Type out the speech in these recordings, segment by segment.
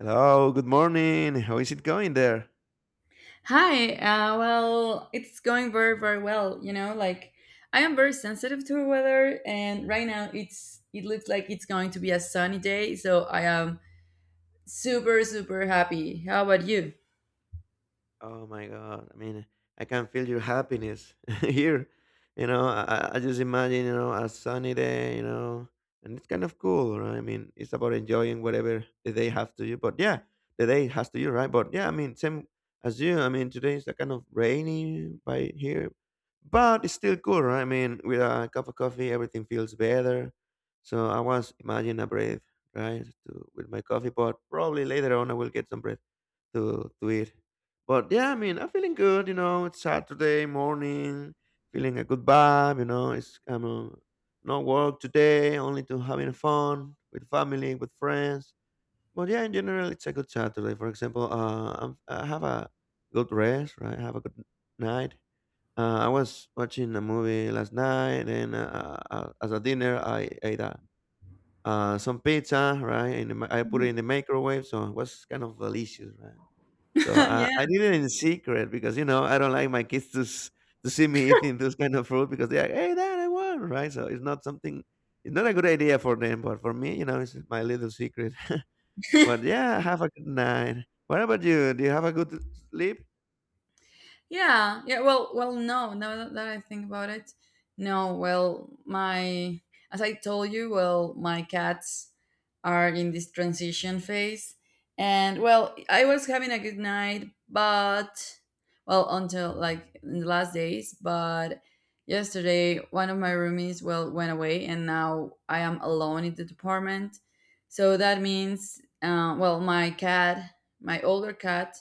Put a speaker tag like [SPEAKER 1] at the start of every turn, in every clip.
[SPEAKER 1] Hello, good morning. How is it going there?
[SPEAKER 2] Hi. It's going very, very well. You know, like I am very sensitive to weather, and right now it looks like it's going to be a sunny day, so I am super, super happy. How about you?
[SPEAKER 1] Oh my God. I mean, I can feel your happiness here. You know, I just imagine, you know, a sunny day, you know, and it's kind of cool, right? I mean, it's about enjoying whatever the day have to you. But yeah, the day has to you, right? But yeah, I mean, same as you. I mean, today is a kind of rainy by here, but it's still cool, right? I mean, with a cup of coffee, everything feels better. So I was imagining a breath, right? To, with my coffee, but probably later on I will get some bread to it. But yeah, I mean, I'm feeling good. You know, it's Saturday morning, feeling a good vibe. You know, it's I'm no work today, only to having fun with family, with friends. But yeah, in general, it's a good Saturday. For example, I have a good rest, right? I have a good night. I was watching a movie last night, and as a dinner, I ate some pizza, right? And I put it in the microwave, so it was kind of delicious, right? So
[SPEAKER 2] Yeah.
[SPEAKER 1] I did it in secret because you know I don't like my kids to see me eating this kind of fruit because they're like, "Hey, Dad, I won." Right? So it's not something. It's not a good idea for them, but for me, you know, it's my little secret. But yeah, have a good night. What about you? Do you have a good sleep?
[SPEAKER 2] Yeah, yeah. Well, no. Now that I think about it, no. Well, my As I told you, well, my cats are in this transition phase, and well, I was having a good night, but well, until like in the last days, but yesterday one of my roomies well went away, and now I am alone in the department. So that means, my cat, my older cat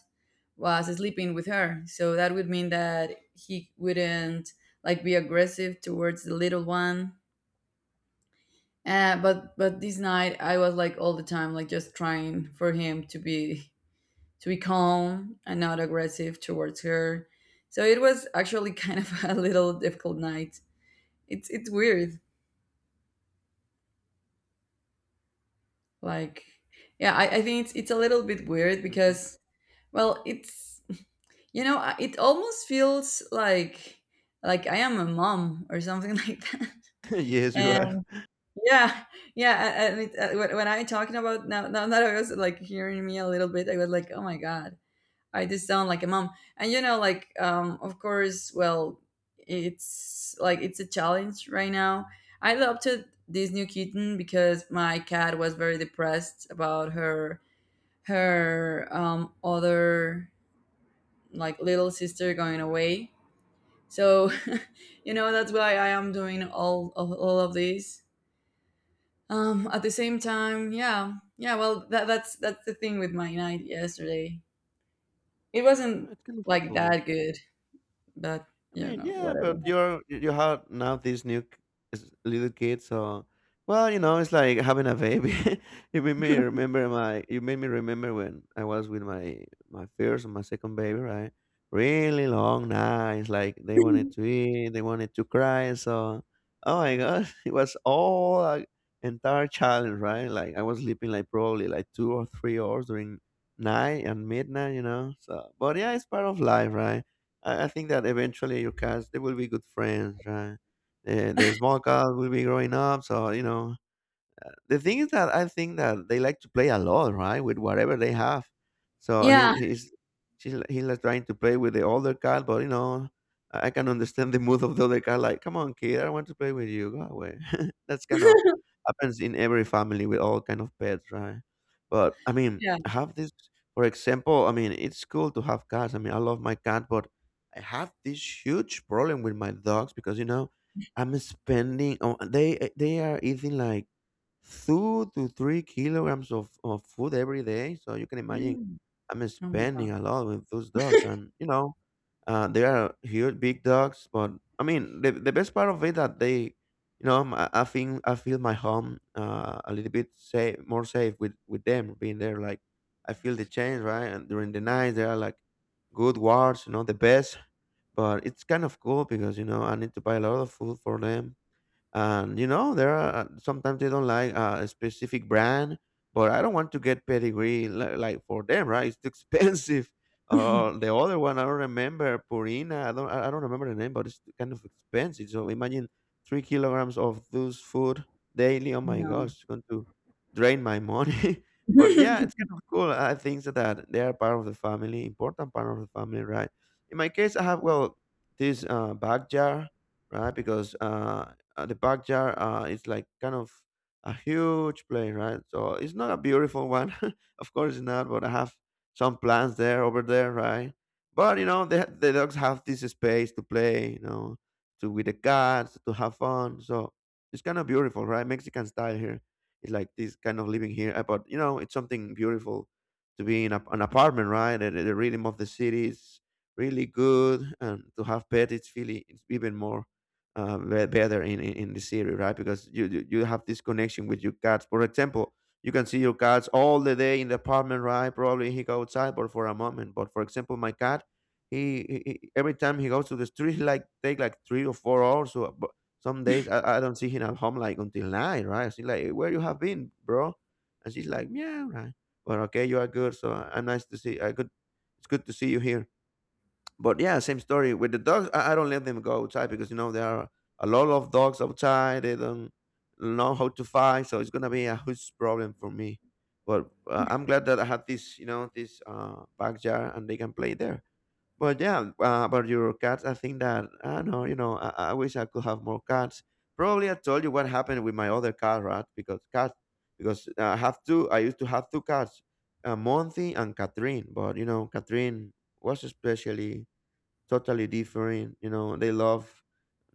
[SPEAKER 2] was sleeping with her. So that would mean that he wouldn't like be aggressive towards the little one. But this night I was like all the time like just trying for him to be calm and not aggressive towards her. So it was actually kind of a little difficult night. It's weird. Like yeah, I think it's a little bit weird
[SPEAKER 1] Mhm.
[SPEAKER 2] because well it's you know it almost feels like I am a mom or something like that.
[SPEAKER 1] Yes, you are.
[SPEAKER 2] And yeah, yeah. And it, when I talking about now, that I was like hearing me a little bit, I was like, oh my god, I just sound like a mom. And you know, of course, well, it's a challenge right now. I adopted this new kitten because my cat was very depressed about her her other like little sister going away. So you know that's why I am doing all of this. At the same time, yeah, yeah. Well, that's the thing with my night yesterday. It wasn't
[SPEAKER 1] Oh, it's kind of
[SPEAKER 2] like
[SPEAKER 1] cool.
[SPEAKER 2] that good, but
[SPEAKER 1] I
[SPEAKER 2] you
[SPEAKER 1] mean,
[SPEAKER 2] know,
[SPEAKER 1] yeah,
[SPEAKER 2] whatever.
[SPEAKER 1] but you have now these new little kids, so well, you know, it's like having a baby. You made me remember my. You made me remember when I was with my first and my second baby, right? Really long nights, like they wanted to eat, they wanted to cry, so oh my god, it was all a entire challenge, right? Like I was sleeping like probably like 2 or 3 hours during night and midnight, you know. So, but yeah, it's part of life, right? I think that eventually your cats they will be good friends, right? The small cat will be growing up, so you know the thing is that I think that they like to play a lot, right, with whatever they have. So he
[SPEAKER 2] Yeah,
[SPEAKER 1] he's she's li- he's like trying to play with the older cat, but you know, I can understand the mood of the other cat. Like, come on, kid, I don't want to play with you. Go away. That's kind of happens in every family with all kind of pets, right? But I mean,
[SPEAKER 2] yeah.
[SPEAKER 1] I have this. For example, I mean, it's cool to have cats. I mean, I love my cat, but I have this huge problem with my dogs because you know I'm spending. Oh, they are eating like 2 to 3 kilograms of food every day. So you can imagine I'm
[SPEAKER 2] Oh my god.
[SPEAKER 1] spending a lot with those dogs. And, you know, they are huge, big dogs. But I mean, the best part of it that they, you know, I think I feel my home a little bit safe, more safe with them being there. Like, I feel the change, right? And during the night, they are like good wards, you know, the best. But it's kind of cool because, you know, I need to buy a lot of food for them, and you know there are sometimes they don't like a specific brand, but I don't want to get pedigree like for them, right? It's too expensive. The other one, I don't remember, Purina, I don't remember the name, but it's kind of expensive. So imagine 3 kilograms of those food daily. Oh my
[SPEAKER 2] No.
[SPEAKER 1] gosh, it's going to drain my money. But yeah, it's kind of cool. I think that they are part of the family, important part of the family, right? In my case, I have, well, this bag jar, right? Because the backyard is like kind of a huge place, right? So it's not a beautiful one, of course it's not. But I have some plants there over there, right? But you know, the dogs have this space to play, you know, to with the cats to have fun. So it's kind of beautiful, right? Mexican style here. It's like this kind of living here. But you know, it's something beautiful to be in an apartment, right? The rhythm of the city is really good, and to have pets, it's really it's even more better in the city, right? Because you have this connection with your cats. For example, you can see your cats all the day in the apartment, right? Probably he go outside, but for a moment. But for example, my cat, every time he goes to the street, he like take like 3 or 4 hours. So but some days I don't see him at home like until night, right? She's like, "Where you have been, bro?" And she's like, "Yeah, right. Well, okay, you are good. So I'm nice to see. I good. It's good to see you here." But yeah, same story with the dogs. I don't let them go outside because you know there are a lot of dogs outside. They don't know how to fight, so it's gonna be a huge problem for me. But I'm glad that I have this, you know, this backyard and they can play there. But yeah, about your cats, I think that I know, you know, I wish I could have more cats. Probably I told you what happened with my other cat, right? Because cat, because I have two. I used to have two cats, Monty and Catherine. But you know, Catherine was especially totally different. You know, they love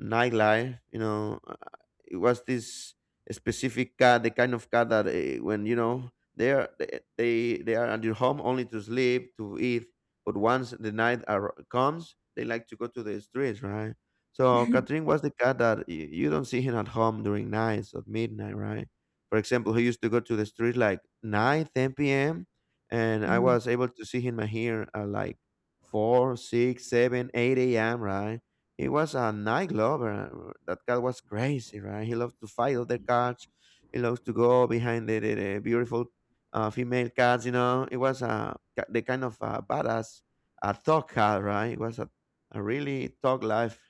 [SPEAKER 1] nightlife. You know. It was this specific cat, the kind of cat that when you know they are they they they are at your home only to sleep to eat, but once the night comes, they like to go to the streets, right? So Catherine was the cat that you don't see him at home during nights at midnight, right? For example, he used to go to the street like 9:10 p.m. And I
[SPEAKER 2] Mhm.
[SPEAKER 1] was able to see him here at like 4, 6, 7, 8 a.m. Right? He was a night lover. That cat was crazy, right? He loved to fight other cats. He loved to go behind the beautiful female cats. You know, it was a the kind of badass, a thug cat, right? It was a really thug life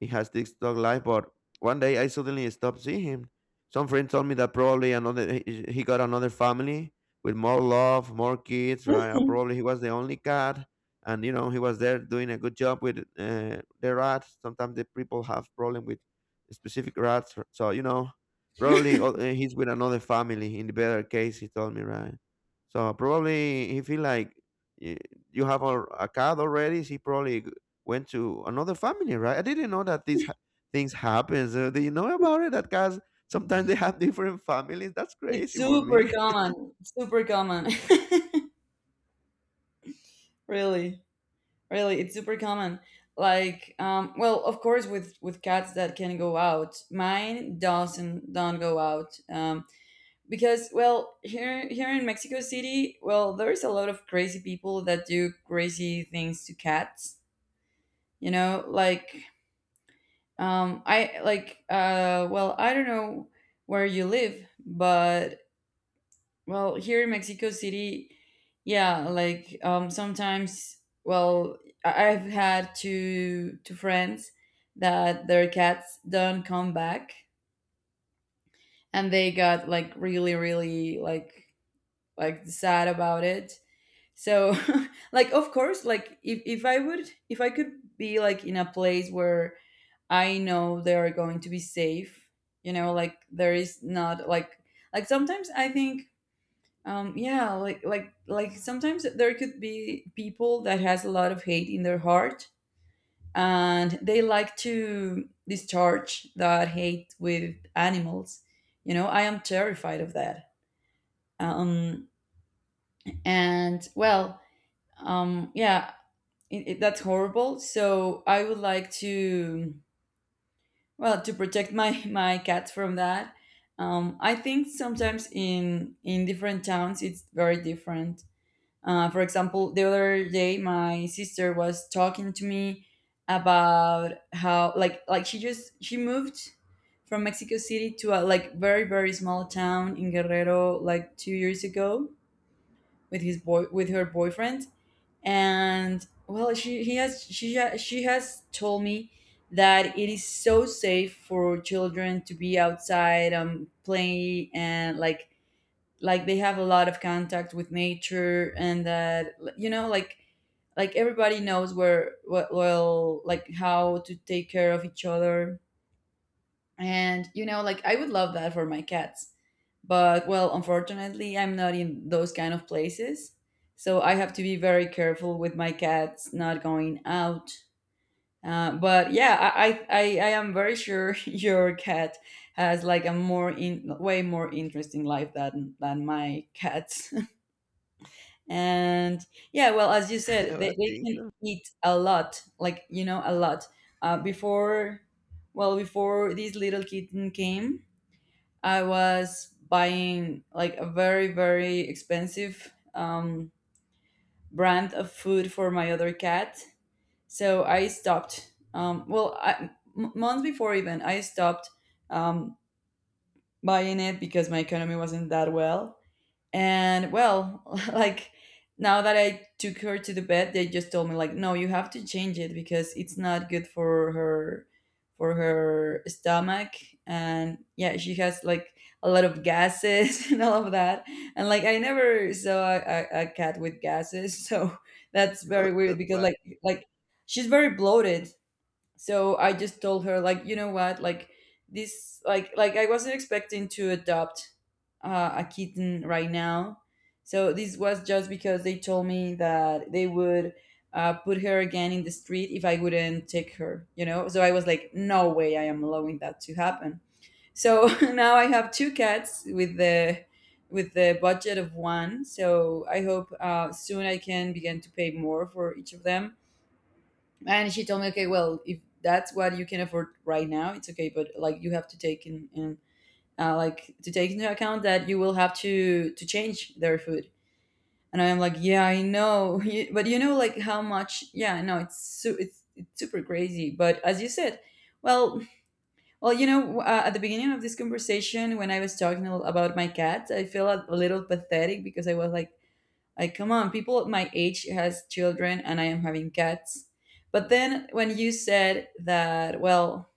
[SPEAKER 1] he has TikTok live, but one day I suddenly stopped seeing him. Some friend told me that probably another he got another family with more love, more kids, right? Or probably he was the only cat, and you know he was there doing a good job with the rats. Sometimes the people have problem with specific rats, so you know probably he's with another family. In the better case, he told me, right? So probably he feel like y- you have a cat already. He probably went to another family, right? I didn't know that these things happen. So do you know about it? That guys sometimes they have different families. That's
[SPEAKER 2] It's
[SPEAKER 1] crazy for
[SPEAKER 2] super
[SPEAKER 1] me.
[SPEAKER 2] common. Super common. Really, really, it's super common. Like, well, of course, with cats that can go out. Mine doesn't don't go out. Because well here in Mexico City well there is a lot of crazy people that do crazy things to cats, you know, like I like well I don't know where you live, but well here in Mexico City. Yeah, like sometimes well I've had two friends that their cats don't come back and they got like really, really like sad about it. So like of course, like if I would, if I could be like in a place where I know they are going to be safe, you know, like there is not like sometimes I think, like sometimes there could be people that has a lot of hate in their heart and they like to discharge that hate with animals, you know. I am terrified of that. Um and well Yeah, that's horrible. So I would like to, well, to protect my my cats from that. I think sometimes in different towns it's very different. For example, the other day my sister was talking to me about how she just she moved from Mexico City to a like very, very small town in Guerrero like 2 years ago with her boyfriend, and well she he has she ha- she has told me that it is so safe for children to be outside playing, and like they have a lot of contact with nature, and that you know like everybody knows well like how to take care of each other. And, you know, like I would love that for my cats. But, well, unfortunately, I'm not in those kind of places. So I have to be very careful with my cats not going out. But yeah, I am very sure your cat has like a more way more interesting life than my cats. And yeah, well, as you said,
[SPEAKER 1] I
[SPEAKER 2] they
[SPEAKER 1] think
[SPEAKER 2] can
[SPEAKER 1] so.
[SPEAKER 2] eat a lot, like, you know, a lot. Before, well, before this little kitten came, I was buying like a very, very expensive brand of food for my other cat. So I stopped. Months before even, I stopped um, buying it because my economy wasn't that well. And well, like now that I took her to the vet, they just told me like, no, you have to change it because it's not good for her stomach. And yeah, she has like a lot of gases and all of that. And like I never saw a cat with gases. So that's very weird
[SPEAKER 1] That's
[SPEAKER 2] because
[SPEAKER 1] why.
[SPEAKER 2] like she's very bloated. So I just told her like, you know what, like this like I wasn't expecting to adopt a kitten right now. So this was just because they told me that they would put her again in the street if I wouldn't take her. You know, so I was like, no way I am allowing that to happen. So now I have two cats with the budget of one. So I hope soon I can begin to pay more for each of them. And she told me, okay, well, if that's what you can afford right now, it's okay, but like you have to take in like to take into account that you will have to change their food. And I'm like, yeah, I know. But you know, like how much. Yeah, no, it's super crazy. But as you said, well, you know, at the beginning of this conversation when I was talking about my cat, I feel a little pathetic because I was like, come on, people at my age has children and I am having cats. But then when you said that, well,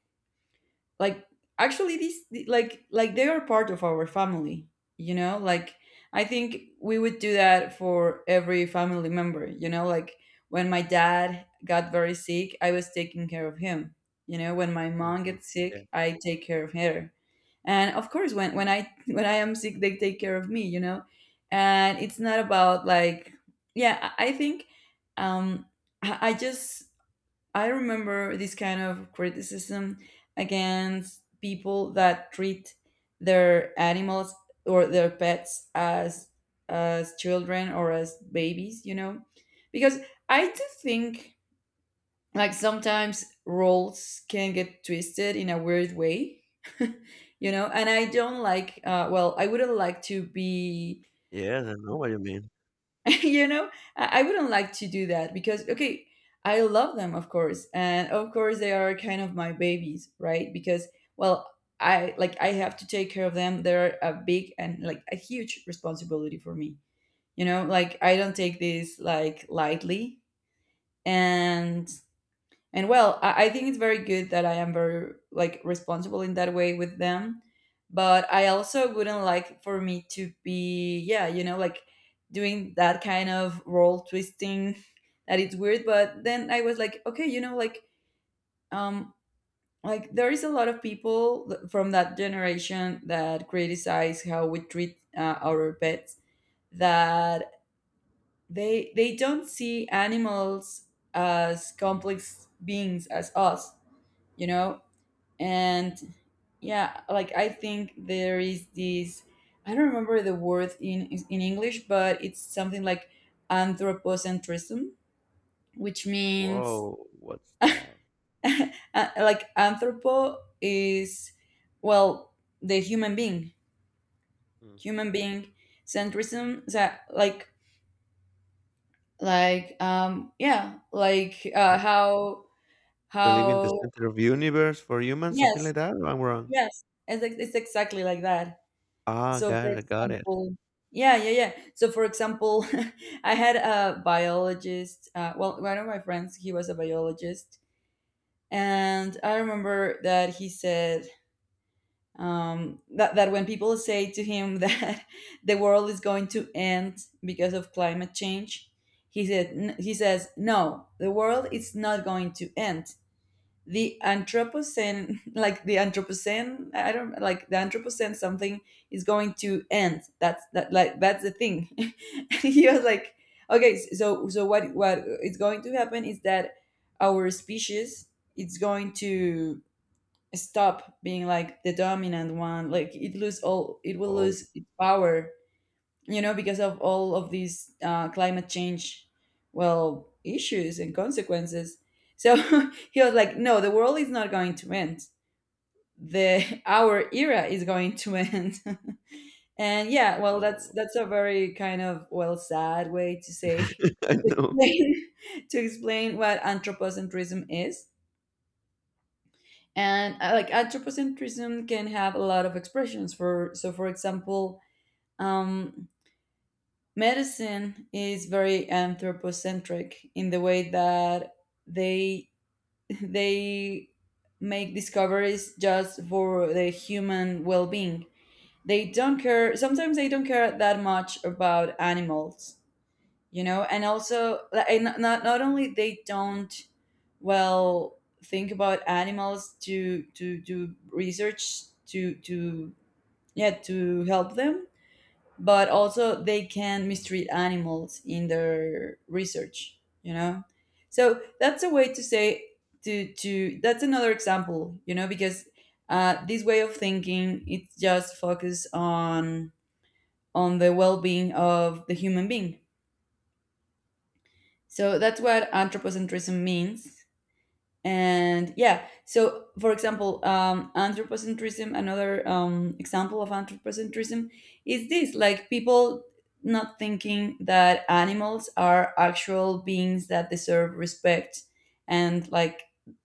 [SPEAKER 2] like actually these they are part of our family, you know? Like I think we would do that for every family member, you know? Like when my dad got very sick, I was taking care of him. You know, when my mom
[SPEAKER 1] Hmm.
[SPEAKER 2] gets
[SPEAKER 1] Yeah.
[SPEAKER 2] sick, I take care of her. And of course when I when I am sick, they take care of me, you know. And it's not about like yeah I think, um I just I remember this kind of criticism against people that treat their animals or their pets as children or as babies, you know, because I do think like sometimes roles can get twisted in a weird way. You know, and I don't like, I wouldn't like to be
[SPEAKER 1] Yes, I know what you mean.
[SPEAKER 2] you know, I wouldn't like to do that because okay, I love them, of course, and of course they are kind of my babies, right? Because well I have to take care of them. They're a big and like a huge responsibility for me, you know. Like I don't take this like lightly. And and well, I think it's very good that I am very like responsible in that way with them. But I also wouldn't like for me to be, yeah, you know, like doing that kind of role twisting that it's weird. But then I was like, okay, you know, um like there is a lot of people from that generation that criticize how we treat our pets, that they don't see animals as complex beings as us, you know. And yeah, like I think there is this, I don't remember the word in English, but it's something like anthropocentrism, which means,
[SPEAKER 1] Whoa, what's that?
[SPEAKER 2] like anthropo is well the human being, human
[SPEAKER 1] Hmm.
[SPEAKER 2] being centrism. So like yeah like
[SPEAKER 1] Like believe in the
[SPEAKER 2] how
[SPEAKER 1] center of universe for humans, something
[SPEAKER 2] yes,
[SPEAKER 1] like that. Or I'm wrong.
[SPEAKER 2] yes it's, it's exactly like that.
[SPEAKER 1] Ah,
[SPEAKER 2] So, for
[SPEAKER 1] got it, got it.
[SPEAKER 2] example, yeah, yeah, yeah. So, for example, I had a biologist. One of my friends, he was a biologist, and I remember that he said that when people say to him that the world is going to end because of climate change, he says no, the world is not going to end. The anthropocene, like the anthropocene, I don't like the anthropocene, something is going to end. That's that, like that's the thing. And he was like, okay, so what is going to happen is that our species it's going to stop being like the dominant one, like it will
[SPEAKER 1] Whoa.
[SPEAKER 2] lose its power, you know, because of all of these climate change, well, issues and consequences. So he was like, no, the world is not going to end. The Our era is going to end. And yeah, well, that's
[SPEAKER 1] Oh,
[SPEAKER 2] that's a very kind of, well, sad way to say
[SPEAKER 1] I
[SPEAKER 2] to
[SPEAKER 1] know.
[SPEAKER 2] explain, to explain what anthropocentrism is. And like anthropocentrism can have a lot of expressions, for so for example, um, medicine is very anthropocentric in the way that they they make discoveries just for the human well-being. They don't care, sometimes they don't care that much about animals, you know. And also like, and not only they don't, well, think about animals to do research to yeah, to help them, but also they can mistreat animals in their research, you know. So that's a way to say, to that's another example, you know, because this way of thinking, it's just focus on the well-being of the human being. So that's what anthropocentrism means. And yeah, so for example, anthropocentrism, another example of anthropocentrism is this, like people not thinking that animals are actual beings that deserve respect, and like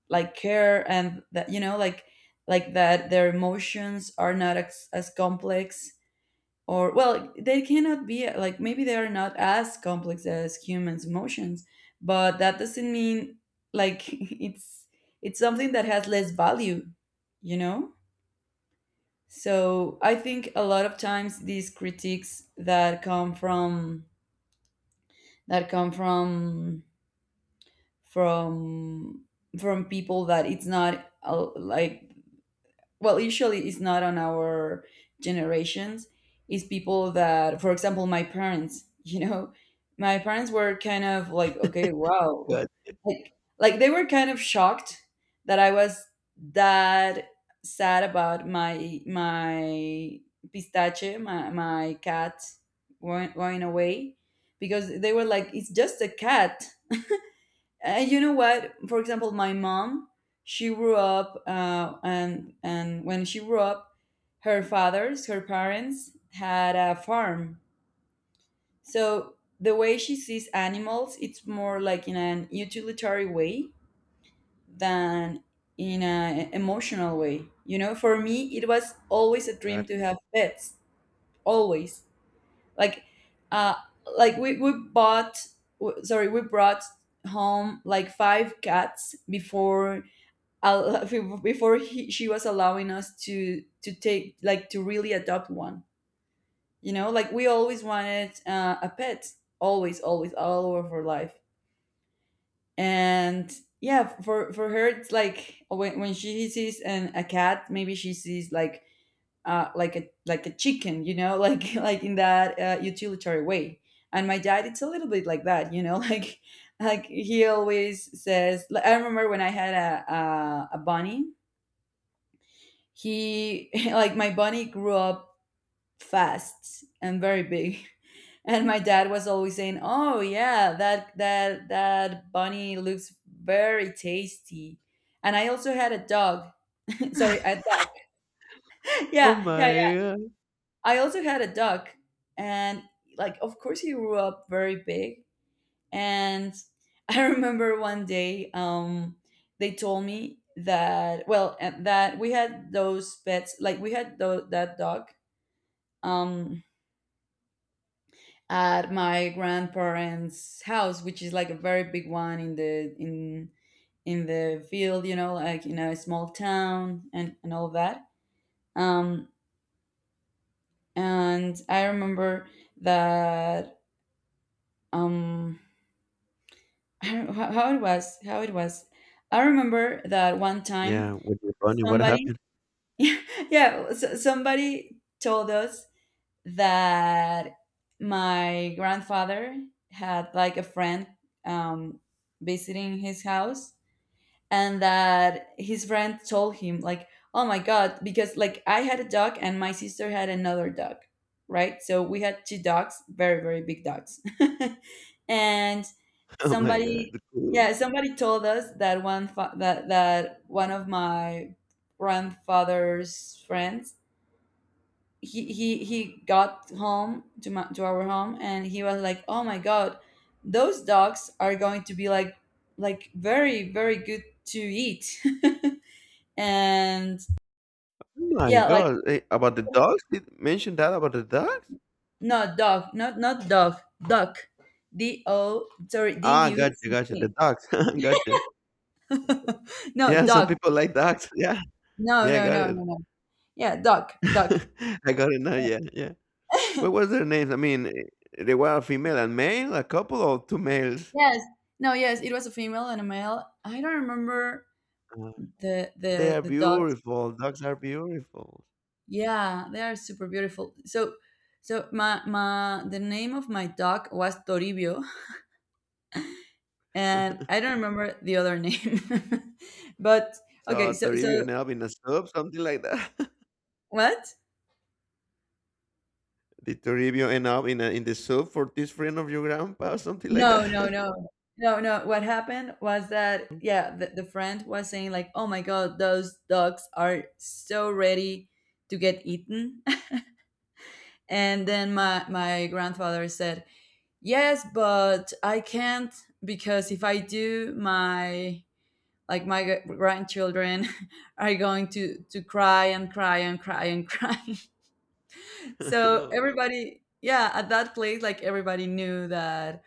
[SPEAKER 2] like care, and that, you know, like that their emotions are not as, as complex, or well, they cannot be, like, maybe they are not as complex as humans emotions, but that doesn't mean, like it's it's something that has less value, you know. So I think a lot of times these critiques that come from, that come from, from from people that it's not like, well, usually it's not on our generations, it's people that for example my parents you know, my parents were kind of like, okay, wow,
[SPEAKER 1] Got,
[SPEAKER 2] like like they were kind of shocked that I was, that sad about my pistache, my cat going, going away, because they were like, it's just a cat. And you know what? For example, my mom, she grew up, and when she grew up, her fathers, her parents had a farm. So the way she sees animals, it's more like in an utilitarian way than in an emotional way. You know, for me, it was always a
[SPEAKER 1] got
[SPEAKER 2] dream
[SPEAKER 1] it.
[SPEAKER 2] to have pets. Always, like, uh, like we bought, we brought home like five cats before uh, before he, she was allowing us to take, like, to really adopt one, you know, like we always wanted a pet, always, always, all over life. And yeah, for her it's like when she sees an, a cat, maybe she sees like a, like a chicken, you know, like in that utilitarian way. And my dad, it's a little bit like that, you know, like he always says like, I remember when I had a, a bunny. He like my bunny grew up fast and very big. And my dad was always saying, oh yeah, that bunny looks very tasty. And I also had a dog. Sorry, a dog.
[SPEAKER 1] Oh
[SPEAKER 2] Yeah, yeah, yeah.
[SPEAKER 1] my god.
[SPEAKER 2] I also had a dog, and like, of course, he grew up very big. And I remember one day, they told me that, well, and that we had those pets, like we had that dog um at my grandparents' house, which is like a very big one, in the field, you know, like in a small town and all that. Um, and I remember that um, I don't know how it was, how it was. I remember that one time
[SPEAKER 1] Yeah, with your bunny, what
[SPEAKER 2] somebody,
[SPEAKER 1] happened?
[SPEAKER 2] yeah, so, somebody told us that my grandfather had like a friend, um, visiting his house, and that his friend told him, like, oh my god, because like I had a dog and my sister had another dog, right, so we had two dogs, very very big dogs. And
[SPEAKER 1] Oh my
[SPEAKER 2] somebody,
[SPEAKER 1] god. Cool.
[SPEAKER 2] yeah, somebody told us that that that one of my grandfather's friends, he got home to my, to our home, and he was like, oh my god, those dogs are going to be like very very good to eat. And
[SPEAKER 1] My
[SPEAKER 2] yeah, like,
[SPEAKER 1] God, eh, about the dogs? Did mention that about the dogs?
[SPEAKER 2] no, dog, not dog, duck. D O, sorry, D
[SPEAKER 1] Ah,
[SPEAKER 2] U C
[SPEAKER 1] gotcha,
[SPEAKER 2] K.
[SPEAKER 1] gotcha. The dogs, gotcha.
[SPEAKER 2] No,
[SPEAKER 1] Yeah, some
[SPEAKER 2] duck.
[SPEAKER 1] people like dogs. Yeah,
[SPEAKER 2] No,
[SPEAKER 1] yeah, I
[SPEAKER 2] no,
[SPEAKER 1] got
[SPEAKER 2] no, no,
[SPEAKER 1] it.
[SPEAKER 2] no. Yeah, duck duck.
[SPEAKER 1] I got it now. Yeah, yeah. What was their names? I mean, eh, they were female and male, a couple or two males.
[SPEAKER 2] Yes. No, yes, it was a female and a male. I don't remember,
[SPEAKER 1] Uh,
[SPEAKER 2] the
[SPEAKER 1] they
[SPEAKER 2] the
[SPEAKER 1] are
[SPEAKER 2] the dog.
[SPEAKER 1] beautiful. Dogs are beautiful.
[SPEAKER 2] Yeah, they are super beautiful. So, so my the name of my dog was Toribio, and I don't remember the other name. But okay,
[SPEAKER 1] So
[SPEAKER 2] so
[SPEAKER 1] Toribio
[SPEAKER 2] so
[SPEAKER 1] ended up in a soup, something like that.
[SPEAKER 2] what?
[SPEAKER 1] Did Toribio end up in in the soup for this friend of your grandpa, something like
[SPEAKER 2] No, no,
[SPEAKER 1] that?
[SPEAKER 2] no, no, no. What happened was that yeah, the friend was saying like, "Oh my god, those dogs are so ready to get eaten," and then my grandfather said, "Yes, but I can't, because if I do, my, like my grandchildren are going to cry and cry and cry and cry. So
[SPEAKER 1] Oh,
[SPEAKER 2] everybody, yeah, at that place, like everybody knew that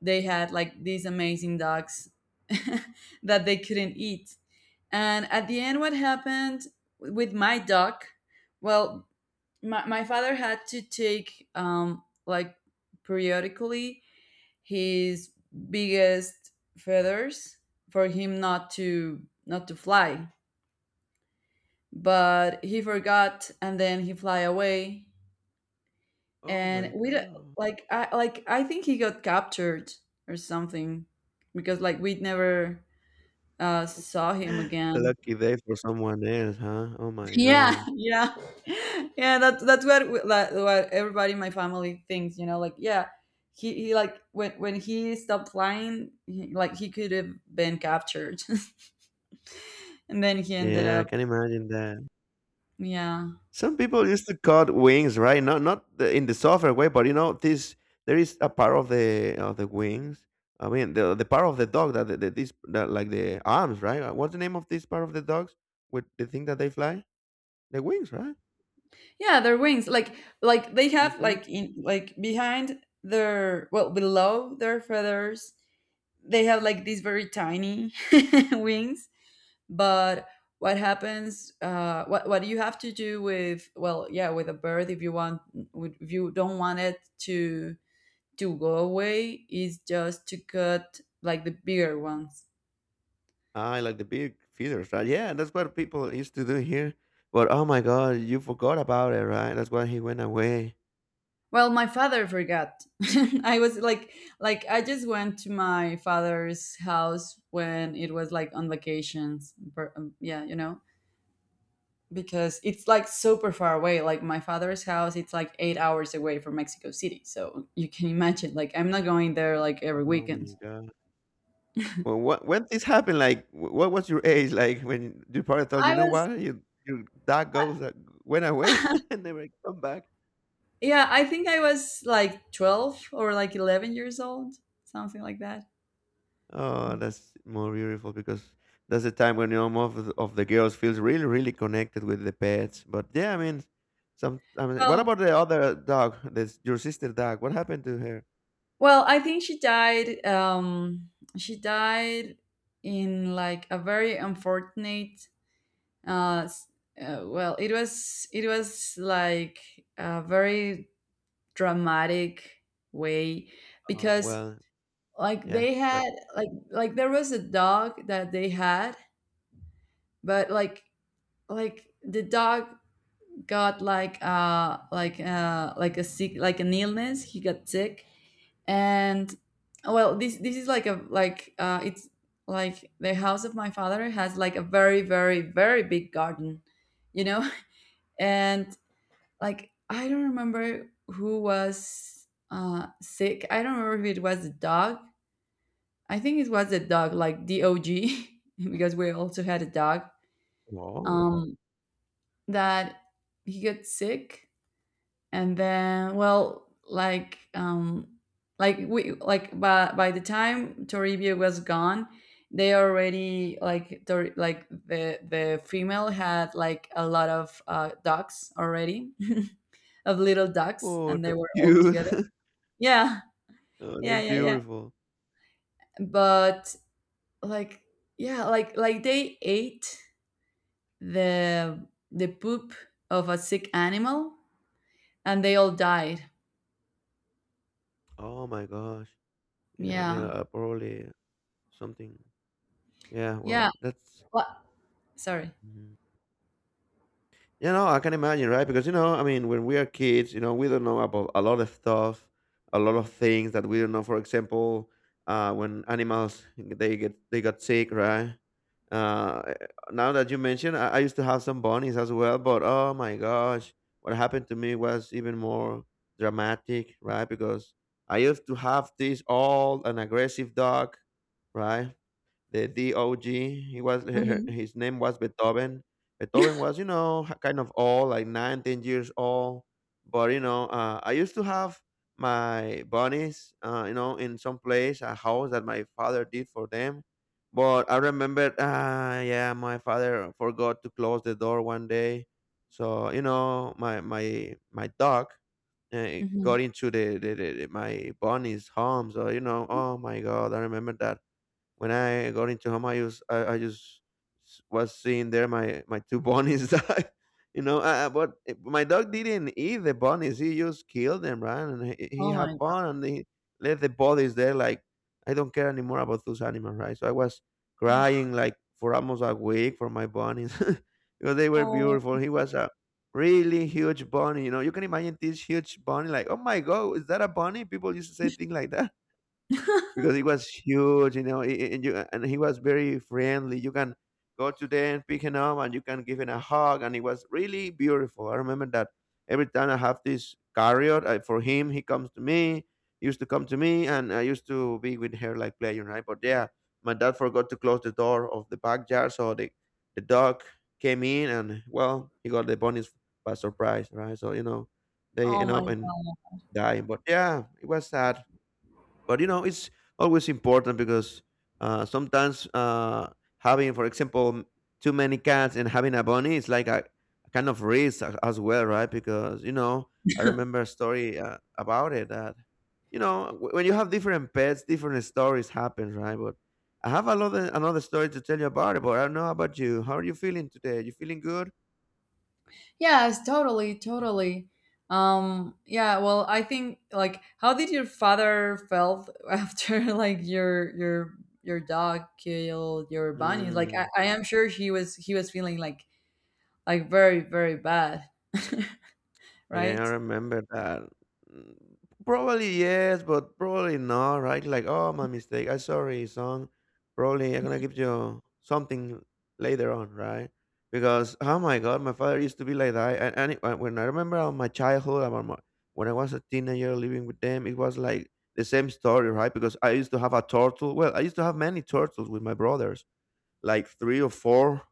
[SPEAKER 2] they had like these amazing dogs that they couldn't eat. And at the end, what happened with my dog, well, my father had to take like periodically his biggest feathers for him not to fly. But he forgot and then he fly away.
[SPEAKER 1] oh
[SPEAKER 2] And
[SPEAKER 1] my
[SPEAKER 2] we don't-
[SPEAKER 1] God.
[SPEAKER 2] like I, like I think he got captured or something, because like we never saw him again.
[SPEAKER 1] Lucky day for someone else, huh? Oh my
[SPEAKER 2] Yeah.
[SPEAKER 1] gosh.
[SPEAKER 2] Yeah, yeah, that, that's what we- that, what everybody in my family thinks, you know, like, yeah, he like when he stopped flying, he, like he could have been captured and then he ended
[SPEAKER 1] Yeah, I
[SPEAKER 2] up.
[SPEAKER 1] can imagine that.
[SPEAKER 2] Yeah.
[SPEAKER 1] Some people used to cut wings, right? Not the, in the software way, but you know, this there is a part of the wings. I mean, the part of the dog that the, this that, like the arms, right? What's the name of this part of the dogs with the thing that they fly? The wings, right?
[SPEAKER 2] Yeah, their wings. Like they have
[SPEAKER 1] Mm-hmm.
[SPEAKER 2] like in like behind their, well, below their feathers, they have like these very tiny wings. But what happens, what you have to do with, well, yeah, with a bird, if you want, if you don't want it to go away, is just to cut like the bigger ones.
[SPEAKER 1] I like the big feathers, right? Yeah, that's what people used to do here. But oh my god, you forgot about it, right? That's why he went away.
[SPEAKER 2] Well, my father forgot. I was like I just went to my father's house when it was like on vacations. Yeah, you know, because it's like super far away. Like my father's house, it's like 8 hours away from Mexico City. So you can imagine, like I'm not going there like every
[SPEAKER 1] Oh
[SPEAKER 2] weekend.
[SPEAKER 1] my god. Well, what when this happened, like, what was your age? Like, when your partner told you, you
[SPEAKER 2] I
[SPEAKER 1] know
[SPEAKER 2] was,
[SPEAKER 1] what, you your dog goes that went away and never come back.
[SPEAKER 2] yeah, I think I was like 12 or like 11 years old, something like that.
[SPEAKER 1] Oh, that's more beautiful because that's the time when you know most of the girls feels really, really connected with the pets. But yeah, I mean, some. I mean, what
[SPEAKER 2] Well,
[SPEAKER 1] about the other dog? This your sister dog. What happened to her?
[SPEAKER 2] well, I think she died. She died in like a very unfortunate. Uh, s- well, it was, it was like a very dramatic way,
[SPEAKER 1] Oh,
[SPEAKER 2] because
[SPEAKER 1] well,
[SPEAKER 2] like
[SPEAKER 1] yeah,
[SPEAKER 2] they had,
[SPEAKER 1] gotcha.
[SPEAKER 2] like there was a dog that they had, but like the dog got like a sick, like an illness. He got sick. And, well, this is like a like it's like the house of my father has like a very very very big garden, you know, and like I don't remember who was sick. I don't remember if it was the dog. I think it was the dog, like DOG, because we also had a dog.
[SPEAKER 1] Oh,
[SPEAKER 2] Um, that he got sick. And then, well, like, like we like by the time Toribio was gone, they already like, like the female had like a lot of ducks already, of little ducks,
[SPEAKER 1] oh,
[SPEAKER 2] and they
[SPEAKER 1] that's
[SPEAKER 2] were all
[SPEAKER 1] cute.
[SPEAKER 2] together. Yeah,
[SPEAKER 1] Oh,
[SPEAKER 2] yeah,
[SPEAKER 1] that's
[SPEAKER 2] yeah, yeah.
[SPEAKER 1] beautiful.
[SPEAKER 2] But, like, yeah, like they ate the the poop of a sick animal, and they all died.
[SPEAKER 1] Oh my gosh. Yeah, I mean,
[SPEAKER 2] Yeah,
[SPEAKER 1] probably something. Yeah,
[SPEAKER 2] yeah.
[SPEAKER 1] well, that's
[SPEAKER 2] What? Sorry.
[SPEAKER 1] mhm. You know, I can imagine, right? Because you know, I mean, when we are kids, you know, we don't know about a lot of stuff, a lot of things that we don't know. For example, when animals they get they got sick, right? Now that you mention, I used to have some bunnies as well, but oh my gosh, what happened to me was even more dramatic, right? Because I used to have this old and aggressive dog, right? The DOG, he was
[SPEAKER 2] Mhm.
[SPEAKER 1] his name was Beethoven. Beethoven was, you know, kind of old, like 9, 10 years old. But you know, I used to have my bunnies, you know, in some place, a house that my father did for them. But I remembered, my father forgot to close the door one day, so you know, my dog
[SPEAKER 2] Mhm.
[SPEAKER 1] got into the my bunny's home. So you know, oh my god, I remember that when I got into home, I just was seeing there my two bunnies die. You know, but my dog didn't eat the bunnies. He just killed them, right? And he
[SPEAKER 2] Oh
[SPEAKER 1] had
[SPEAKER 2] my God.
[SPEAKER 1] fun and he left the bodies there. Like I don't care anymore about those animals, right? So I was crying like for almost a week for my bunnies because they were
[SPEAKER 2] Oh.
[SPEAKER 1] beautiful. He was a really huge bunny. You know, you can imagine this huge bunny. Like, oh my god, is that a bunny? People used to say things like that because it was huge, you know, and you and he was very friendly. You can go to there and pick him up, and you can give him a hug, and it was really beautiful. I remember that every time I have this carrier for him, he comes to me. He used to come to me, and I used to be with her like playing, right? But yeah, my dad forgot to close the door of the backyard, so the dog came in, and well, he got the bunnies by surprise, right? So you know, they
[SPEAKER 2] Oh
[SPEAKER 1] end
[SPEAKER 2] my
[SPEAKER 1] up and
[SPEAKER 2] god.
[SPEAKER 1] die. But yeah, it was sad but you know it's always important because sometimes having for example too many cats and having a bunny is like a kind of risk as well, right? Because you know I remember a story about it that you know when you have different pets different stories happen, right? But I have another story to tell you about it. But I don't know about you, how are you feeling today? You feeling good?
[SPEAKER 2] Yes, totally, totally. Yeah, well, I think, like, how did your father felt after like your dog killed your bunnies? Like,
[SPEAKER 1] Mm.
[SPEAKER 2] I am sure he was, he was feeling like very, very bad,
[SPEAKER 1] Yeah, I
[SPEAKER 2] right?
[SPEAKER 1] remember that. Mm, probably yes, but probably not, right? Like, oh, my mistake. I'm sorry, son. Probably I'm gonna give you something later on, right? Because oh my god, my father used to be like that. When I remember on my childhood, about my, when I was a teenager living with them, it was like the same story, right? Because I used to have a turtle. Well, I used to have many turtles with my brothers, like three or four.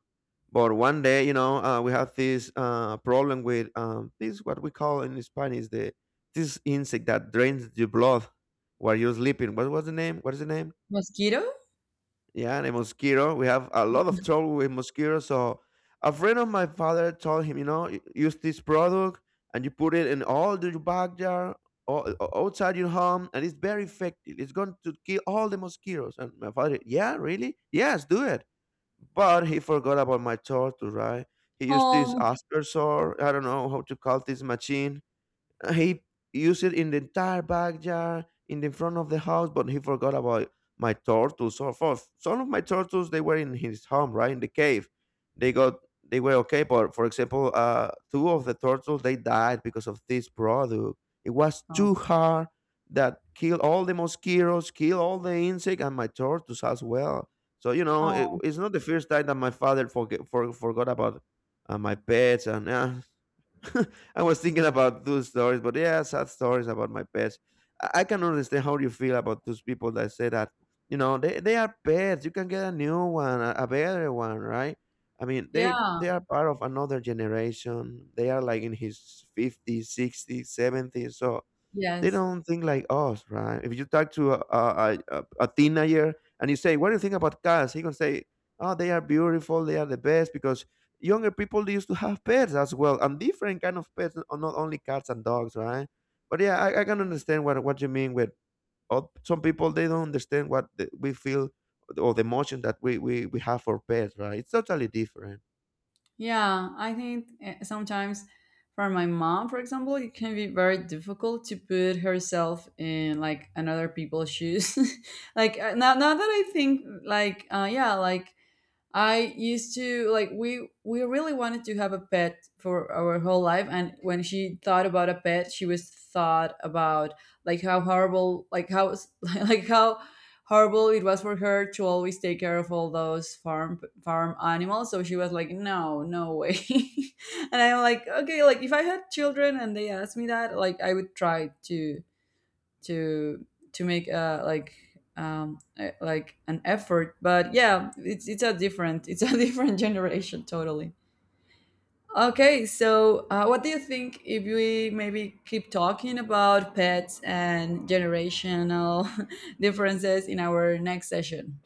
[SPEAKER 1] But one day, you know, we have this problem with this what we call in Spanish the this insect that drains your blood while you're sleeping. What was the name? What is the name?
[SPEAKER 2] Mosquito?
[SPEAKER 1] Yeah, the mosquito. We have a lot of trouble with mosquitoes. So a friend of my father told him, you know, use this product and you put it in all the backyard, all, outside your home, and it's very effective. It's going to kill all the mosquitoes." And my father, yeah, really? Yes, do it. But he forgot about my torture, right? He used this
[SPEAKER 2] Um,
[SPEAKER 1] aspersor, I don't know how to call this machine, he used it in the entire backyard, in the front of the house, but he forgot about my turtles. So for some of my turtles, they were in his home, right in the cave. They got they were okay, but for example, two of the turtles they died because of this product. It was
[SPEAKER 2] oh,
[SPEAKER 1] too hard that killed all the mosquitoes, killed all the insect, and my turtles as well. So you know,
[SPEAKER 2] oh,
[SPEAKER 1] it's not the first time that my father forgot about my pets, and I was thinking about those stories, but yeah, sad stories about my pets. I can understand how you feel about those people that say that, you know, they are pets. You can get a new one, a better one, right? I mean,
[SPEAKER 2] yeah,
[SPEAKER 1] they are part of another generation. They are like in his 50s, 60s, 70s. So they
[SPEAKER 2] yes.
[SPEAKER 1] don't think like us, right? If you talk to a a teenager and you say, "What do you think about cats?" He gonna say, "Oh, they are beautiful. They are the best." Because younger people they used to have pets as well, and different kind of pets, not only cats and dogs, right? But yeah, I can understand what you mean with some people. They don't understand what we feel or the emotion that we we have for pets, right? It's totally different.
[SPEAKER 2] Yeah, I think sometimes for my mom, for example, it can be very difficult to put herself in like another people's shoes. Like, now, now that I think, like, yeah, like I used to like we really wanted to have a pet for our whole life, and when she thought about a pet she was thought about like how horrible, like how like how horrible it was for her to always take care of all those farm animals. So she was like, no, no way. And I'm like, okay, like if I had children and they asked me that, like I would try to to make like an effort. But yeah, it's a different, it's a different generation totally. Okay, so what do you think if we maybe keep talking about pets and generational differences in our next session?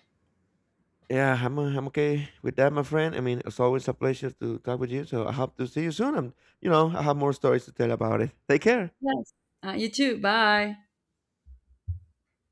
[SPEAKER 1] Yeah, I'm okay with that, my friend. I mean, it's always a pleasure to talk with you. So I hope to see you soon, and you know, I have more stories to tell about it. Take care.
[SPEAKER 2] Yes. You too. Bye.